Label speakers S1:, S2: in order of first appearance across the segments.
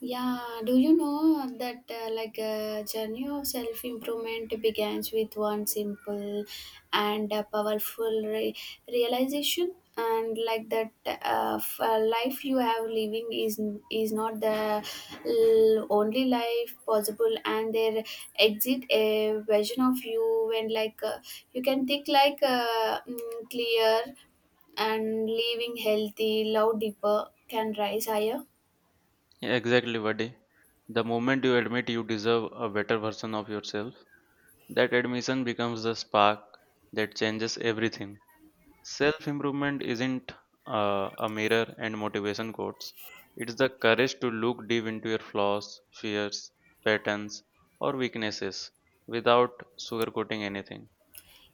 S1: Yeah, do you know that like a journey of self improvement begins with one simple and powerful realization, and like that life you have living is not the only life possible, and there exit a version of you when like you can think like clear and living healthy, love deeper can rise higher.
S2: Yeah, exactly, Vadi. The moment you admit you deserve a better version of yourself, that admission becomes the spark that changes everything. Self improvement isn't a mirror and motivation quotes, it's the courage to look deep into your flaws, fears, patterns, or weaknesses without sugarcoating anything.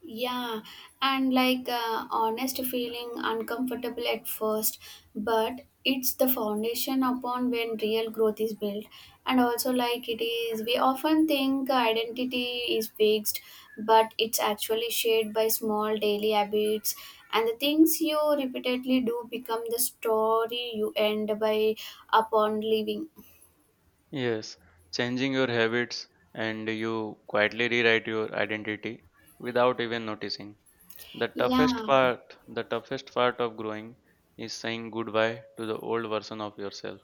S1: Yeah, and like honest feeling uncomfortable at first, but it's the foundation upon when real growth is built. And also, like it is, we often think identity is fixed, but it's actually shaped by small daily habits. And the things you repeatedly do become the story you end by upon living.
S2: Yes, changing your habits and you quietly rewrite your identity without even noticing. The toughest
S1: Yeah.
S2: part, the toughest part of growing is saying goodbye to the old version of yourself.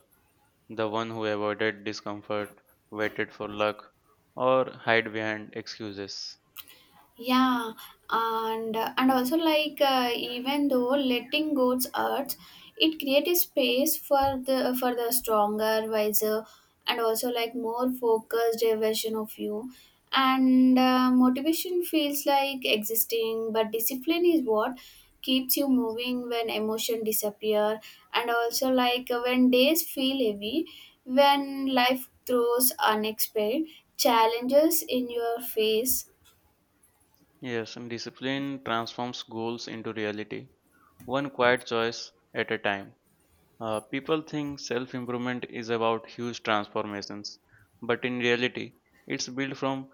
S2: The one who avoided discomfort, waited for luck, or hid behind excuses.
S1: Yeah, and also like even though letting goes hurts, it creates a space for the stronger, wiser, and also like more focused version of you. And motivation feels like existing, but discipline is what keeps you moving when emotion disappear, and also like when days feel heavy, when life throws unexpected challenges in your face.
S2: Yes, and discipline transforms goals into reality, one quiet choice at a time. People think self improvement is about huge transformations, but in reality, it's built from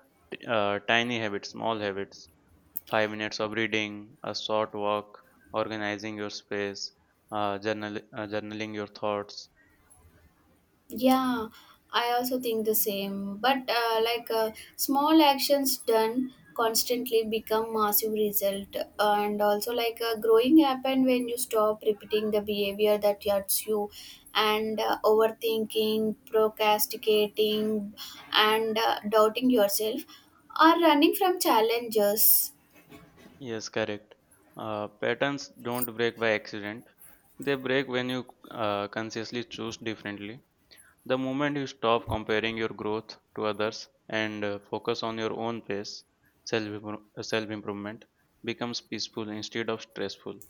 S2: tiny habits, small habits. 5 minutes of reading, a short walk, organizing your space, journaling your thoughts.
S1: Yeah, I also think the same. But like small actions done constantly become massive result, and also like growing happen when you stop repeating the behavior that hurts you, and overthinking, procrastinating, and doubting yourself, or running from challenges.
S2: Yes, correct. Patterns don't break by accident. They break when you consciously choose differently. The moment you stop comparing your growth to others and focus on your own pace, self improvement becomes peaceful instead of stressful.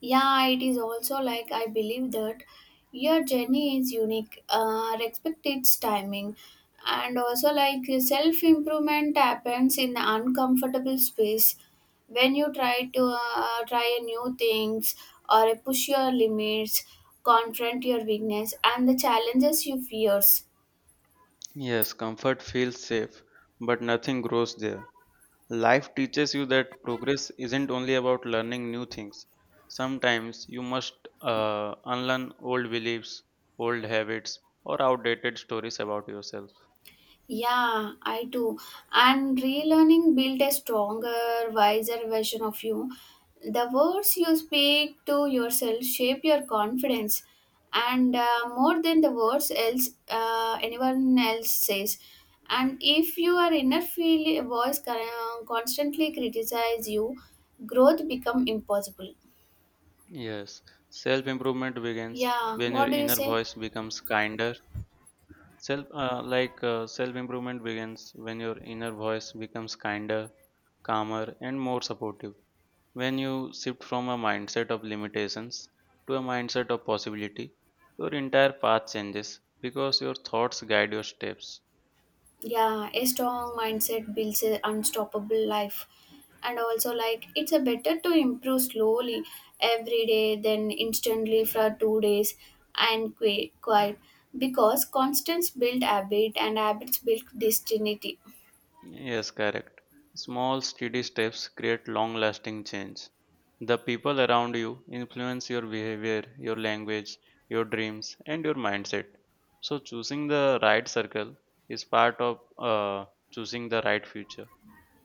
S1: Yeah, it is also like I believe that your journey is unique, respect its timing, and also like self improvement happens in uncomfortable space when you try to try new things or push your limits, confront your weakness and the challenges you fears.
S2: Yes, comfort feels safe, but nothing grows there. Life teaches you that progress isn't only about learning new things. Sometimes you must unlearn old beliefs, old habits, or outdated stories about yourself.
S1: Yeah, I do. And relearning built a stronger, wiser version of you. The words you speak to yourself shape your confidence, and more than the words else anyone else says. And if your inner feel voice constantly criticize you, growth become impossible.
S2: Yes, self improvement begins
S1: Yeah,
S2: when your
S1: what do you
S2: inner
S1: say?
S2: voice becomes kinder. Self improvement begins when your inner voice becomes kinder, calmer, and more supportive. When you shift from a mindset of limitations to a mindset of possibility, your entire path changes because your thoughts guide your steps.
S1: Yeah, a strong mindset builds an unstoppable life, and also like it's a better to improve slowly every day than instantly for 2 days and quite, because constants build habit and habits build destiny.
S2: Yes, correct. Small, steady steps create long lasting change. The people around you influence your behavior, your language, your dreams, and your mindset. So, choosing the right circle is part of choosing the right future.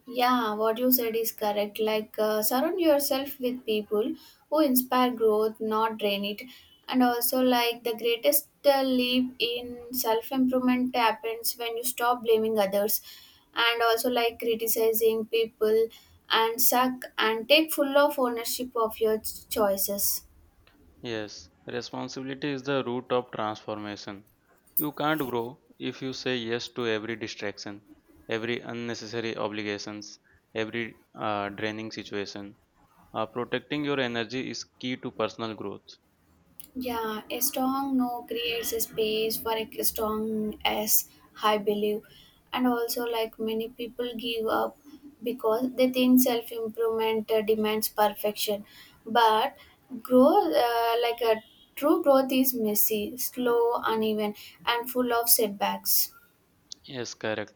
S1: Yeah, what you said is correct. Like, surround yourself with people who inspire growth, not drain it. And also, like, the greatest leap in self improvement happens when you stop blaming others and also, like, criticizing people and suck and take full of ownership of your choices.
S2: Yes, responsibility is the root of transformation. You can't grow if you say yes to every distraction, every unnecessary obligations, every draining situation. Protecting your energy is key to personal growth.
S1: Yeah, a strong no creates a space for a strong yes, I believe. And also, like many people give up because they think self improvement demands perfection. But growth, like a true growth, is messy, slow, uneven, and full of setbacks.
S2: Yes, correct.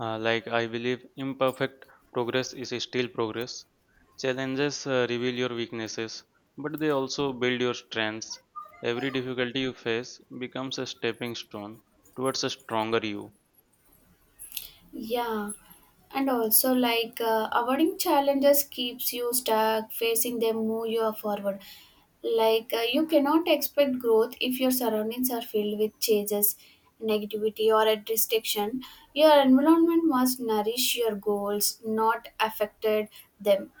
S2: Like I believe imperfect progress is still progress. Challenges reveal your weaknesses, but they also build your strengths. Every difficulty you face becomes a stepping stone towards a stronger you.
S1: Yeah, and also like avoiding challenges keeps you stuck. Facing them move you forward. Like you cannot expect growth if your surroundings are filled with changes, negativity, or a restriction. Your environment must nourish your goals, not affected them.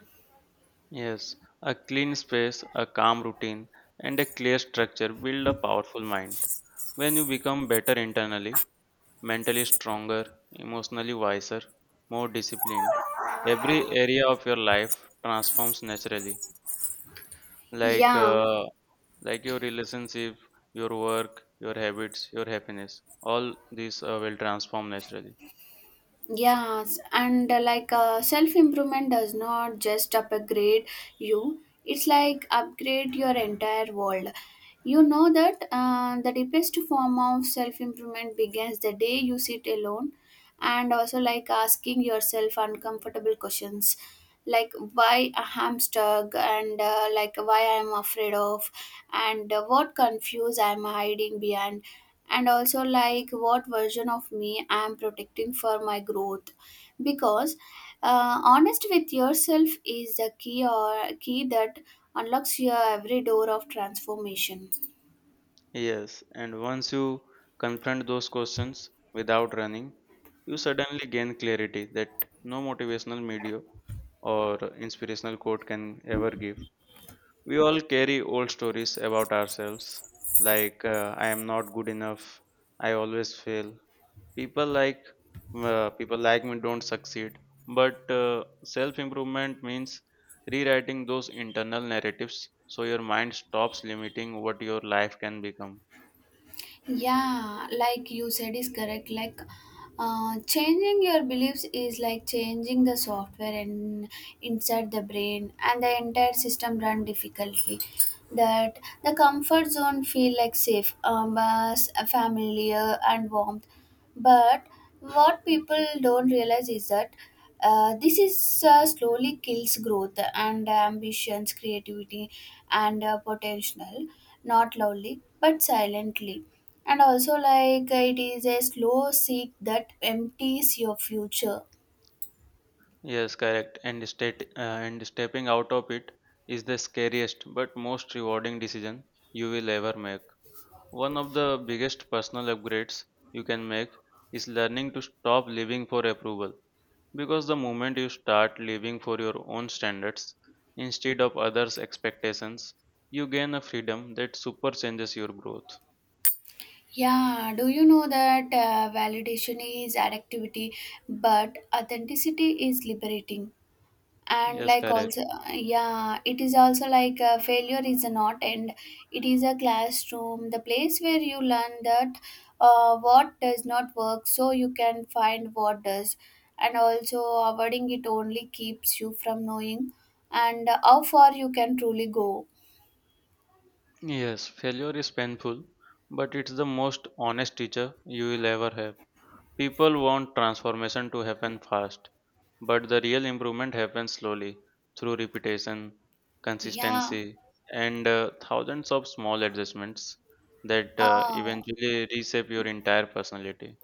S2: Yes, a clean space, a calm routine, and a clear structure build a powerful mind. When you become better internally, mentally stronger, emotionally wiser, more disciplined, every area of your life transforms naturally. Like
S1: Yeah.
S2: uh, like your relationship, your work, your habits, your happiness, all these will transform naturally.
S1: Yes, and like self improvement does not just upgrade you, it's like upgrade your entire world. You know that the deepest form of self improvement begins the day you sit alone and also like asking yourself uncomfortable questions, like why a hamster, and like why I'm afraid of, and what confuse I'm hiding behind, and also like what version of me I'm protecting for my growth, because honest with yourself is the key or key that unlocks your every door of transformation.
S2: Yes, and once you confront those questions without running, you suddenly gain clarity that no motivational media or inspirational quote can ever give. We all carry old stories about ourselves, like "I am not good enough," "I always fail." People like people like me don't succeed. But self improvement means rewriting those internal narratives so your mind stops limiting what your life can become.
S1: Yeah, like you said is correct. Like changing your beliefs is like changing the software and inside the brain and the entire system run difficultly, that the comfort zone feel like safe, familiar and warm. But what people don't realize is that this is slowly kills growth and ambitions, creativity, and potential, not loudly but silently. And also, like it is a slow seek that empties your future.
S2: Yes, correct. And stepping out of it is the scariest but most rewarding decision you will ever make. One of the biggest personal upgrades you can make is learning to stop living for approval because the moment you start living for your own standards instead of others' expectations, you gain a freedom that supercharges your growth.
S1: Yeah, do you know that validation is activity, but authenticity is liberating? And
S2: Yes,
S1: like
S2: correct.
S1: also. Yeah, it is also like failure is not end, it is a classroom, the place where you learn that what does not work so you can find what does, and also avoiding it only keeps you from knowing and how far you can truly go.
S2: Yes, failure is painful, but it's the most honest teacher you will ever have. People want transformation to happen fast, but the real improvement happens slowly through repetition,
S1: Yeah.
S2: consistency, and thousands of small adjustments that
S1: uh,
S2: eventually reshape your entire personality.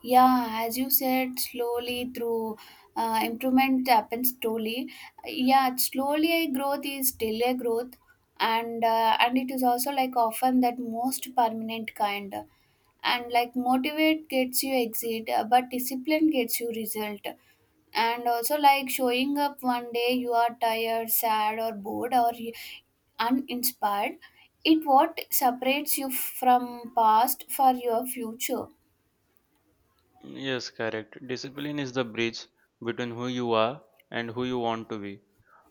S1: Yeah, as you said, slowly through improvement happens slowly. Yeah, slowly a growth is still a growth, and it is also like often that most permanent kind. And like motivate gets you exit, but discipline gets you result. And also like showing up one day you are tired, sad, or bored, or uninspired. It what separates you from past for your future.
S2: Yes, correct. Discipline is the bridge between who you are and who you want to be.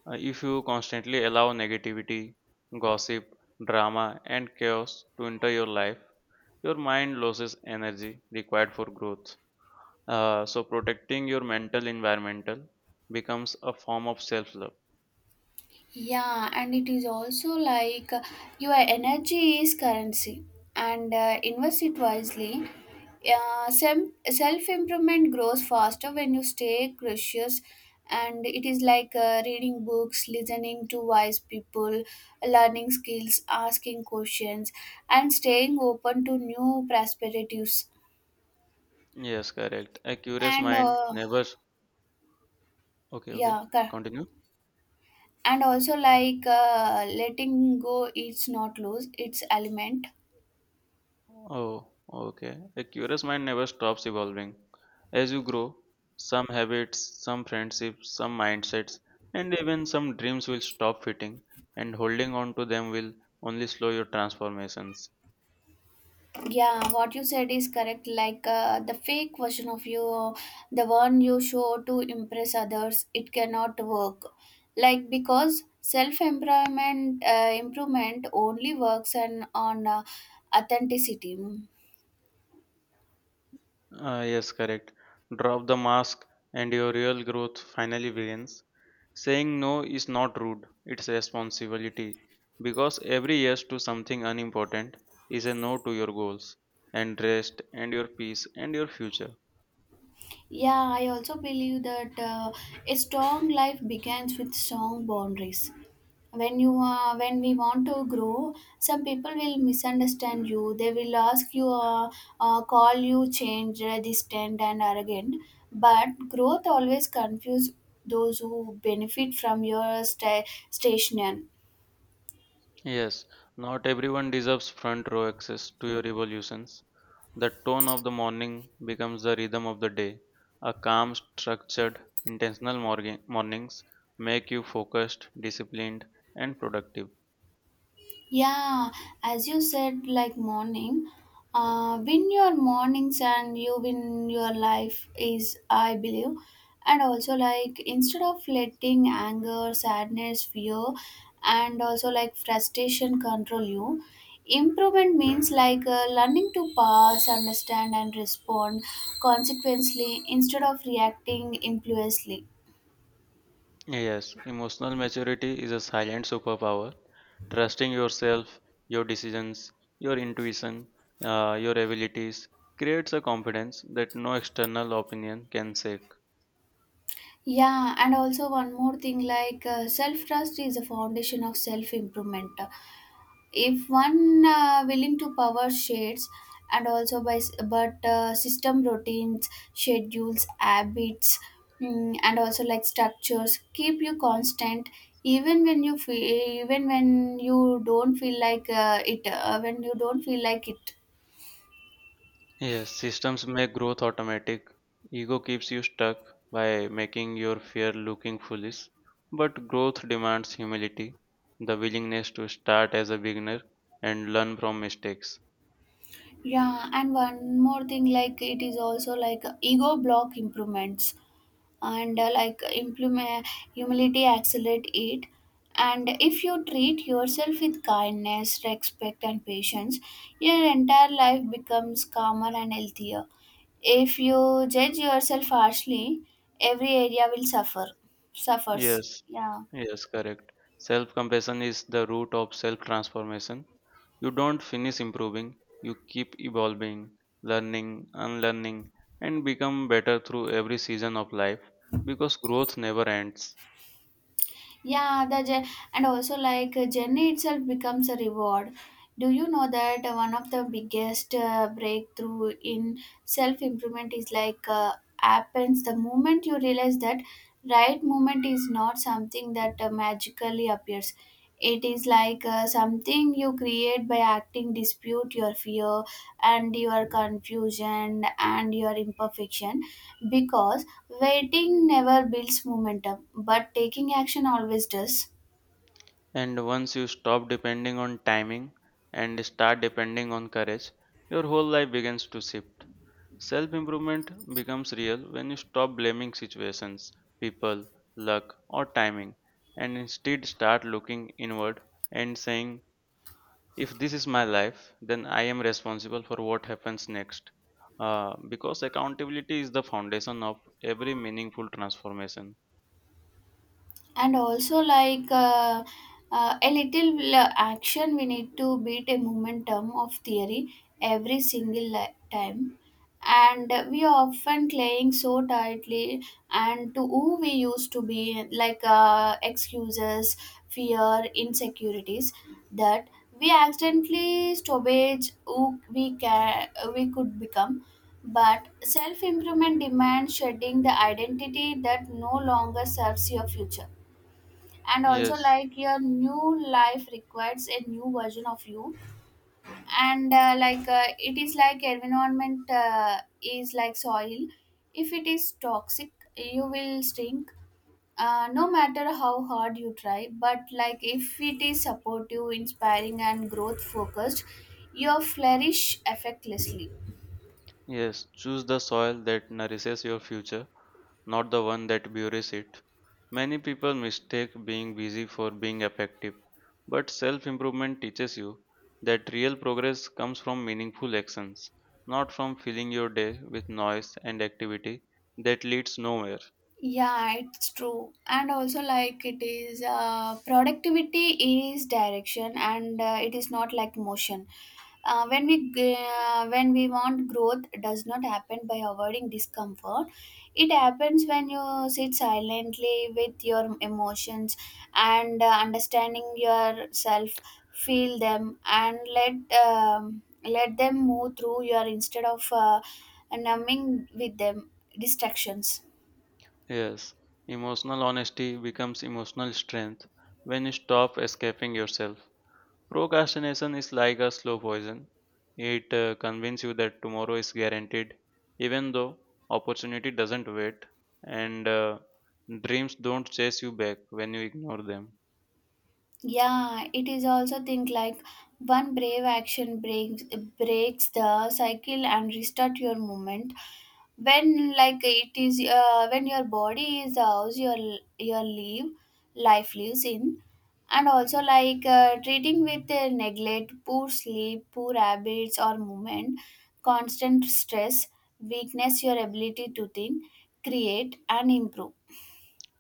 S2: If you constantly allow negativity, gossip, drama, and chaos to enter your life, your mind loses energy required for growth. So protecting your mental environmental becomes a form of self love.
S1: Yeah, and it is also like your energy is currency, and invest it wisely. Self improvement grows faster when you stay curious, and it is like reading books, listening to wise people, learning skills, asking questions, and staying open to new perspectives.
S2: Yes, correct. A curious
S1: And
S2: mind never. Okay, okay.
S1: yeah,
S2: Continue.
S1: and also like letting go, it's not lose its element.
S2: Oh, okay. A curious mind never stops evolving. As you grow, some habits, some friendships, some mindsets, and even some dreams will stop fitting, and holding on to them will only slow your transformations.
S1: Yeah, what you said is correct. Like the fake version of you, the one you show to impress others, it cannot work. Like because self-employment improvement only works and on authenticity.
S2: Yes, correct. Drop the mask and your real growth finally begins. Saying no is not rude, it's a responsibility. Because every yes to something unimportant is a no to your goals, and rest, and your peace, and your future.
S1: Yeah, I also believe that a strong life begins with strong boundaries. When we want to grow, some people will misunderstand you. They will ask you, call you change, distant, and arrogant. But growth always confuses those who benefit from your station.
S2: Yes, not everyone deserves front row access to your evolutions. The tone of the morning becomes the rhythm of the day. A calm, structured, intentional morning, mornings make you focused, disciplined, and productive.
S1: Yeah, as you said, like morning, win your mornings and you win your life is, I believe. And also, like, instead of letting anger, sadness, fear, and also like frustration control you, improvement means like learning to pass, understand, and respond consequently instead of reacting impulsively.
S2: Yes, emotional maturity is a silent superpower. Trusting yourself, your decisions, your intuition, your abilities creates a confidence that no external opinion can shake.
S1: Yeah, and also one more thing, like self trust is a foundation of self improvement. If one willing to power shades, and also by but system routines schedules habits, and also like structures keep you constant, even when you feel even when you don't feel like it when you don't feel like it.
S2: Yes, systems make growth automatic. Ego keeps you stuck by making your fear looking foolish. But growth demands humility, the willingness to start as a beginner and learn from mistakes.
S1: Yeah, and one more thing, like it is also like ego block improvements, and like implement humility accelerate it. And if you treat yourself with kindness, respect and patience, your entire life becomes calmer and healthier. If you judge yourself harshly, every area will suffers,
S2: Yes,
S1: yeah.
S2: yes, correct. Self compassion is the root of self transformation. You don't finish improving, you keep evolving, learning, unlearning, and become better through every season of life because growth never ends.
S1: Yeah, the and also like journey itself becomes a reward. Do you know that one of the biggest breakthrough in self improvement is like happens the moment you realize that right moment is not something that magically appears. It is like something you create by acting, dispute your fear and your confusion and your imperfection, because waiting never builds momentum, but taking action always does.
S2: And once you stop depending on timing and start depending on courage, your whole life begins to shift. Self improvement becomes real when you stop blaming situations, people, luck, or timing, and instead start looking inward and saying, if this is my life, then I am responsible for what happens next. Because accountability is the foundation of every meaningful transformation.
S1: And also like a little action we need to beat a momentum of theory every single time, and we are often playing so tightly and to who we used to be, like excuses, fear, insecurities, that we accidentally stoppage who we could become. But self improvement demands shedding the identity that no longer serves your future, and also
S2: Yes.
S1: like your new life requires a new version of you. And like it is like environment is like soil. If it is toxic you will shrink, no matter how hard you try, but like if it is supportive, inspiring and growth focused, you flourish effortlessly.
S2: Yes, choose the soil that nourishes your future, not the one that buries it. Many people mistake being busy for being effective, but self improvement teaches you that real progress comes from meaningful actions, not from filling your day with noise and activity that leads nowhere.
S1: Yeah, it's true. And also, like, it is productivity is direction, and it is not like motion. When we want growth does not happen by avoiding discomfort, it happens when you sit silently with your emotions and understanding yourself, feel them and let them move through your instead of numbing with them distractions.
S2: Yes, emotional honesty becomes emotional strength when you stop escaping yourself. Procrastination is like a slow poison. It convinces you that tomorrow is guaranteed, even though opportunity doesn't wait, and dreams don't chase you back when you ignore them.
S1: Yeah, it is also think like one brave action breaks the cycle and restart your movement. When like it is when your body is the house your live life lives in, and also like treating with neglect, poor sleep, poor habits or movement, constant stress, weakness your ability to think, create and improve.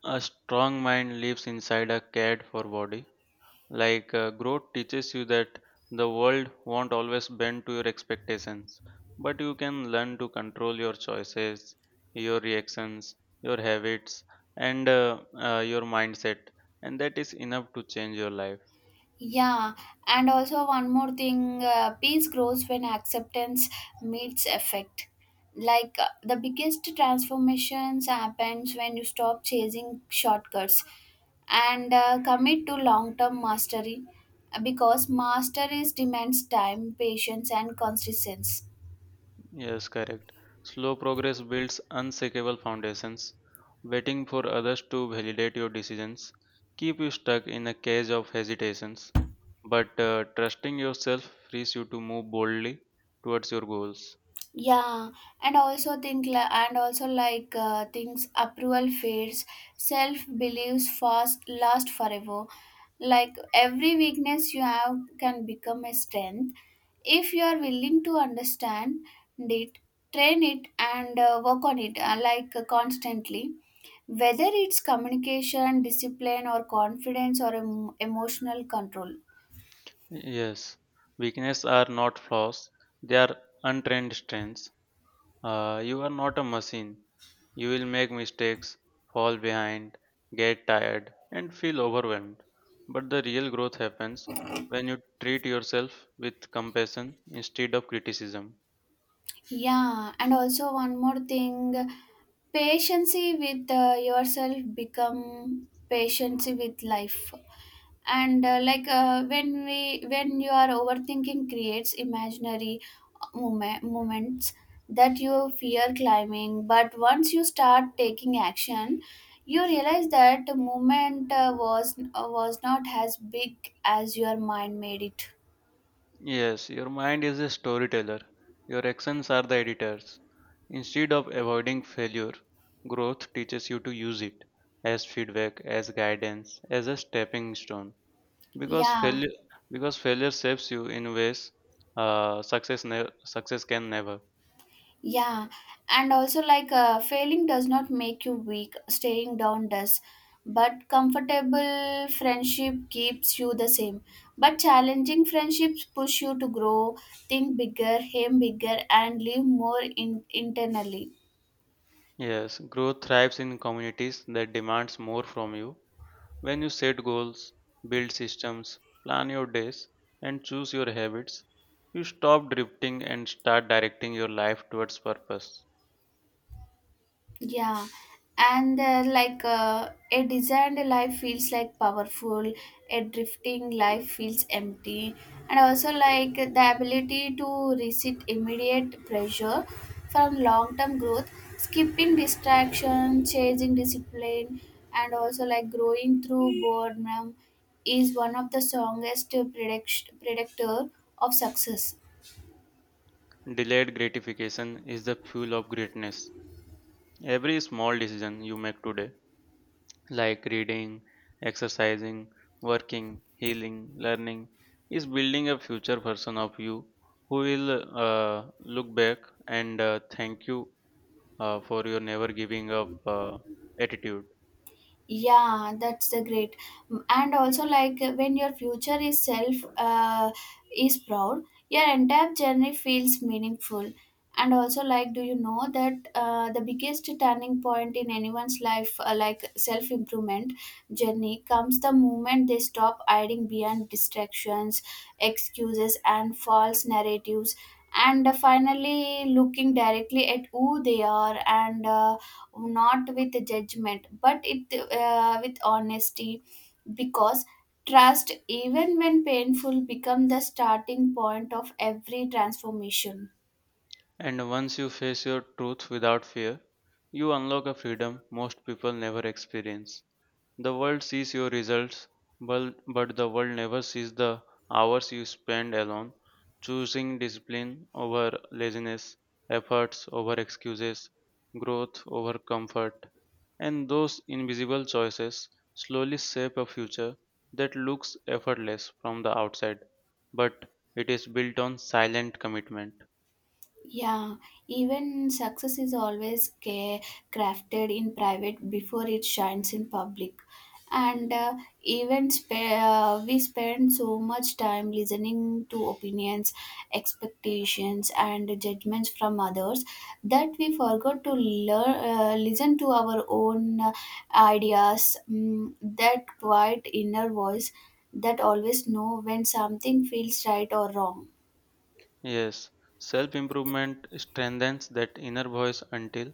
S2: A strong mind lives inside a cared for body. Growth teaches you that the world won't always bend to your expectations, but you can learn to control your choices, your reactions, your habits, and your mindset, and that is enough to change your life.
S1: Yeah, and also one more thing, peace grows when acceptance meets effect. Like the biggest transformations happens when you stop chasing shortcuts and commit to long-term mastery, because mastery demands time, patience and consistency.
S2: Yes, correct. Slow progress builds unshakable foundations. Waiting for others to validate your decisions keep you stuck in a cage of hesitations, but trusting yourself frees you to move boldly towards your goals.
S1: Yeah, and also and also like things approval fades, self beliefs fast last forever. Like every weakness you have can become a strength if you are willing to understand it, train it, and work on it, like constantly, whether it's communication, discipline or confidence or emotional control.
S2: Yes, weakness are not flaws, they are untrained strengths. You are not a machine. You will make mistakes, fall behind, get tired, and feel overwhelmed. But the real growth happens when you treat yourself with compassion instead of criticism.
S1: Yeah, and also one more thing, patience with yourself become patience with life. And like when you are overthinking creates imaginary moments that you fear climbing. But once you start taking action, you realize that the moment was not as big as your mind made it.
S2: Yes, your mind is a storyteller. Your actions are the editors. Instead of avoiding failure, growth teaches you to use it as feedback, as guidance, as a stepping stone. Because
S1: Yeah.
S2: failure, because failure shapes you in ways success can never.
S1: Yeah, and also failing does not make you weak, staying down does. But comfortable friendship keeps you the same. But challenging friendships push you to grow, think bigger, aim bigger, and live more internally.
S2: Yes, growth thrives in communities that demands more from you. When you set goals, build systems, plan your days, and choose your habits, you stop drifting and start directing your life towards purpose.
S1: Yeah, and a designed life feels like powerful, a drifting life feels empty, and also like the ability to resist immediate pressure from long term growth, skipping distraction, chasing discipline, and also like growing through boredom is one of the strongest predictor of success.
S2: Delayed gratification is the fuel of greatness. Every small decision you make today, like reading, exercising, working, healing, learning, is building a future version of you who will look back and thank you for your never giving up attitude.
S1: Yeah, that's the great, and also like when your future is self is proud, your entire journey feels meaningful. And also like, do you know that the biggest turning point in anyone's life, like self improvement journey, comes the moment they stop hiding behind distractions, excuses and false narratives, and finally looking directly at who they are, and not with judgment but it with honesty, because trust, even when painful, become the starting point of every transformation.
S2: And once you face your truth without fear, you unlock a freedom most people never experience. The world sees your results, but the world never sees the hours you spend alone, choosing discipline over laziness, efforts over excuses, growth over comfort. And those invisible choices slowly shape a future that looks effortless from the outside, but it is built on silent commitment.
S1: Yeah, even success is always crafted in private before it shines in public. And even we spend so much time listening to opinions, expectations, and judgments from others that we forgot to learn, listen to our own ideas. Mm, that quiet inner voice that always know when something feels right or wrong.
S2: Yes, self improvement strengthens that inner voice until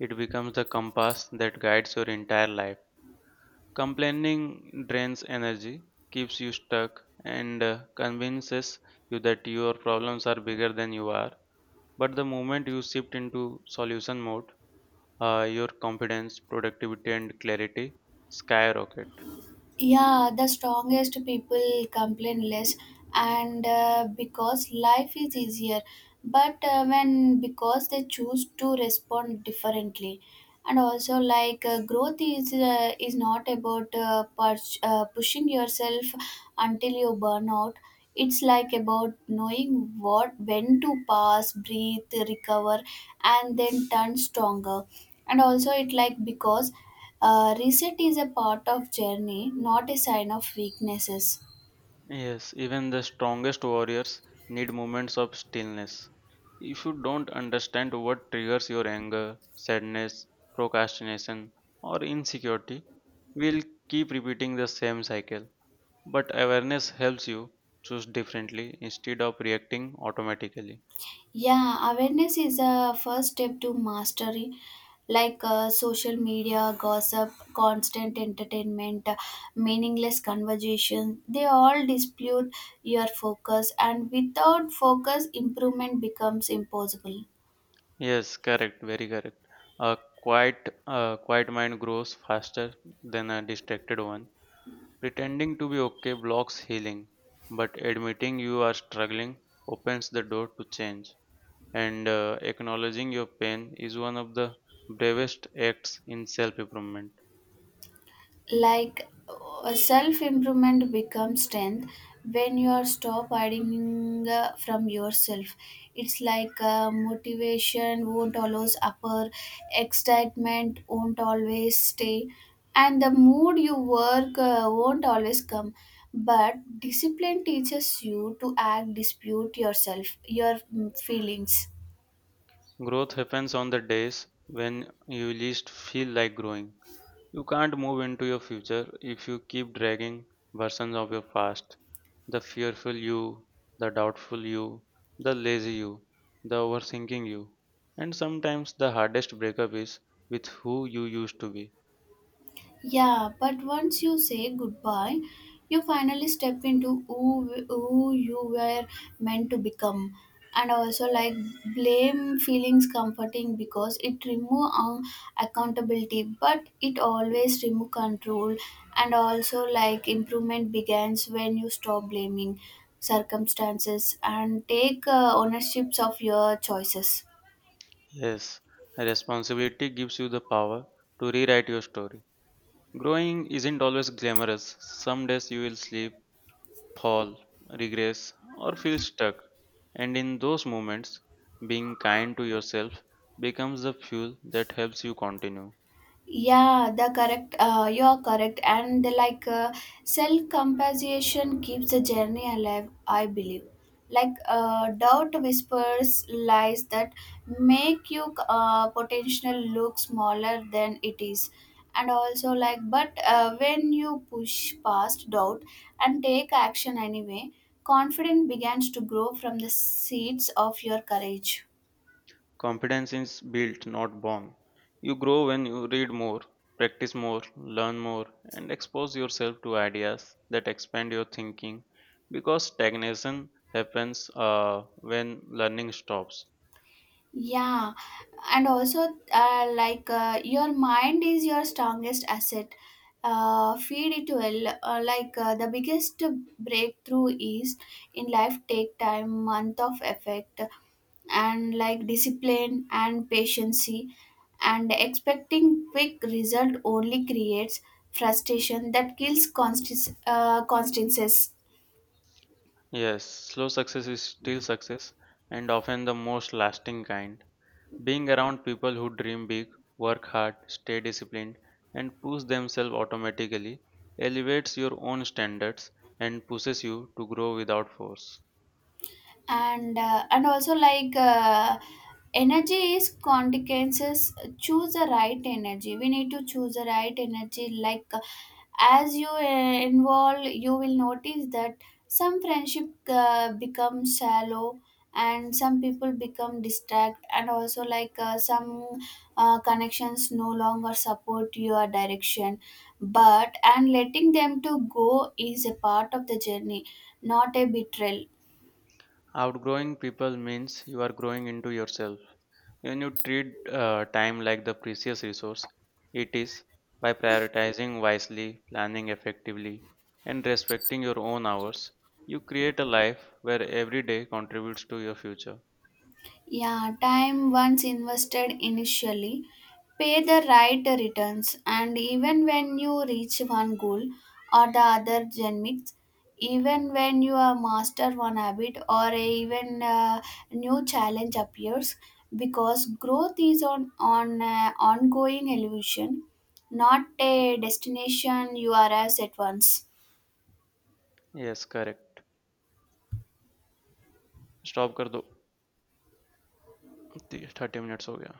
S2: it becomes the compass that guides your entire life. Complaining drains energy, keeps you stuck, and convinces you that your problems are bigger than you are. But the moment you shift into solution mode, your confidence, productivity, and clarity skyrocket.
S1: Yeah, the strongest people complain less, and because life is easier, but when because they choose to respond differently. And also like, growth is not about pushing yourself until you burn out. It's like about knowing what when to pass, breathe, recover, and then turn stronger. And also it like, because reset is a part of journey, not a sign of weaknesses.
S2: Yes, even the strongest warriors need moments of stillness. If you don't understand what triggers your anger, sadness, procrastination, or insecurity, we'll keep repeating the same cycle. But awareness helps you choose differently instead of reacting automatically.
S1: Yeah, awareness is a first step to mastery. Like social media, gossip, constant entertainment, meaningless conversation, they all dispute your focus, and without focus, improvement becomes impossible.
S2: Yes, correct, very correct. A a quiet mind grows faster than a distracted one. Pretending to be okay blocks healing, but admitting you are struggling opens the door to change. And acknowledging your pain is one of the bravest acts in self improvement.
S1: Like self improvement becomes strength when you are stop hiding from yourself. It's like motivation won't always upper, excitement won't always stay, and the mood you work won't always come, but discipline teaches you to act dispute yourself your feelings.
S2: Growth happens on the days when you least feel like growing. You can't move into your future if you keep dragging versions of your past. The fearful you, the doubtful you, the lazy you, the overthinking you. And sometimes the hardest breakup is with who you used to be.
S1: Yeah, but once you say goodbye, you finally step into who you were meant to become. And also, like, blame feelings comforting because it remove accountability, but it always remove control. And also, like, improvement begins when you stop blaming circumstances and take ownerships of your choices.
S2: Yes, responsibility gives you the power to rewrite your story. Growing isn't always glamorous. Some days you will slip, fall, regress, or feel stuck. And in those moments, being kind to yourself becomes the fuel that helps you continue.
S1: Yeah, the correct. You are correct, and the like self compassion keeps the journey alive. I believe, like doubt whispers lies that make you potential look smaller than it is, and also like but when you push past doubt and take action anyway, confidence begins to grow from the seeds of your courage.
S2: Confidence is built, not born. You grow when you read more, practice more, learn more, and expose yourself to ideas that expand your thinking because stagnation happens when learning stops.
S1: Yeah, and also your mind is your strongest asset. Feed it well. The biggest breakthrough is in life take time, month of effect, and like discipline and patience. And expecting quick result only creates frustration that kills constances.
S2: Yes, slow success is still success and often the most lasting kind. Being around people who dream big, work hard, stay disciplined, and push themselves automatically elevates your own standards and pushes you to grow without force.
S1: And also, energy is consequences, choose the right energy, we need to choose the right energy. Like as you involve, you will notice that some friendship become shallow, and some people become distract, and also like some connections no longer support your direction, but and letting them to go is a part of the journey, not a betrayal.
S2: Outgrowing people means you are growing into yourself. When you treat time like the precious resource it is, by prioritizing wisely, planning effectively, and respecting your own hours, you create a life where every day contributes to your future.
S1: Yeah, time once invested initially, pay the right returns. And even when you reach one goal or the other genmix, even when you are master one habit or a even a new challenge appears, because growth is on ongoing evolution, not a destination you arrive at once.
S2: Yes, correct. Stop कर दो. 30 minutes हो गया.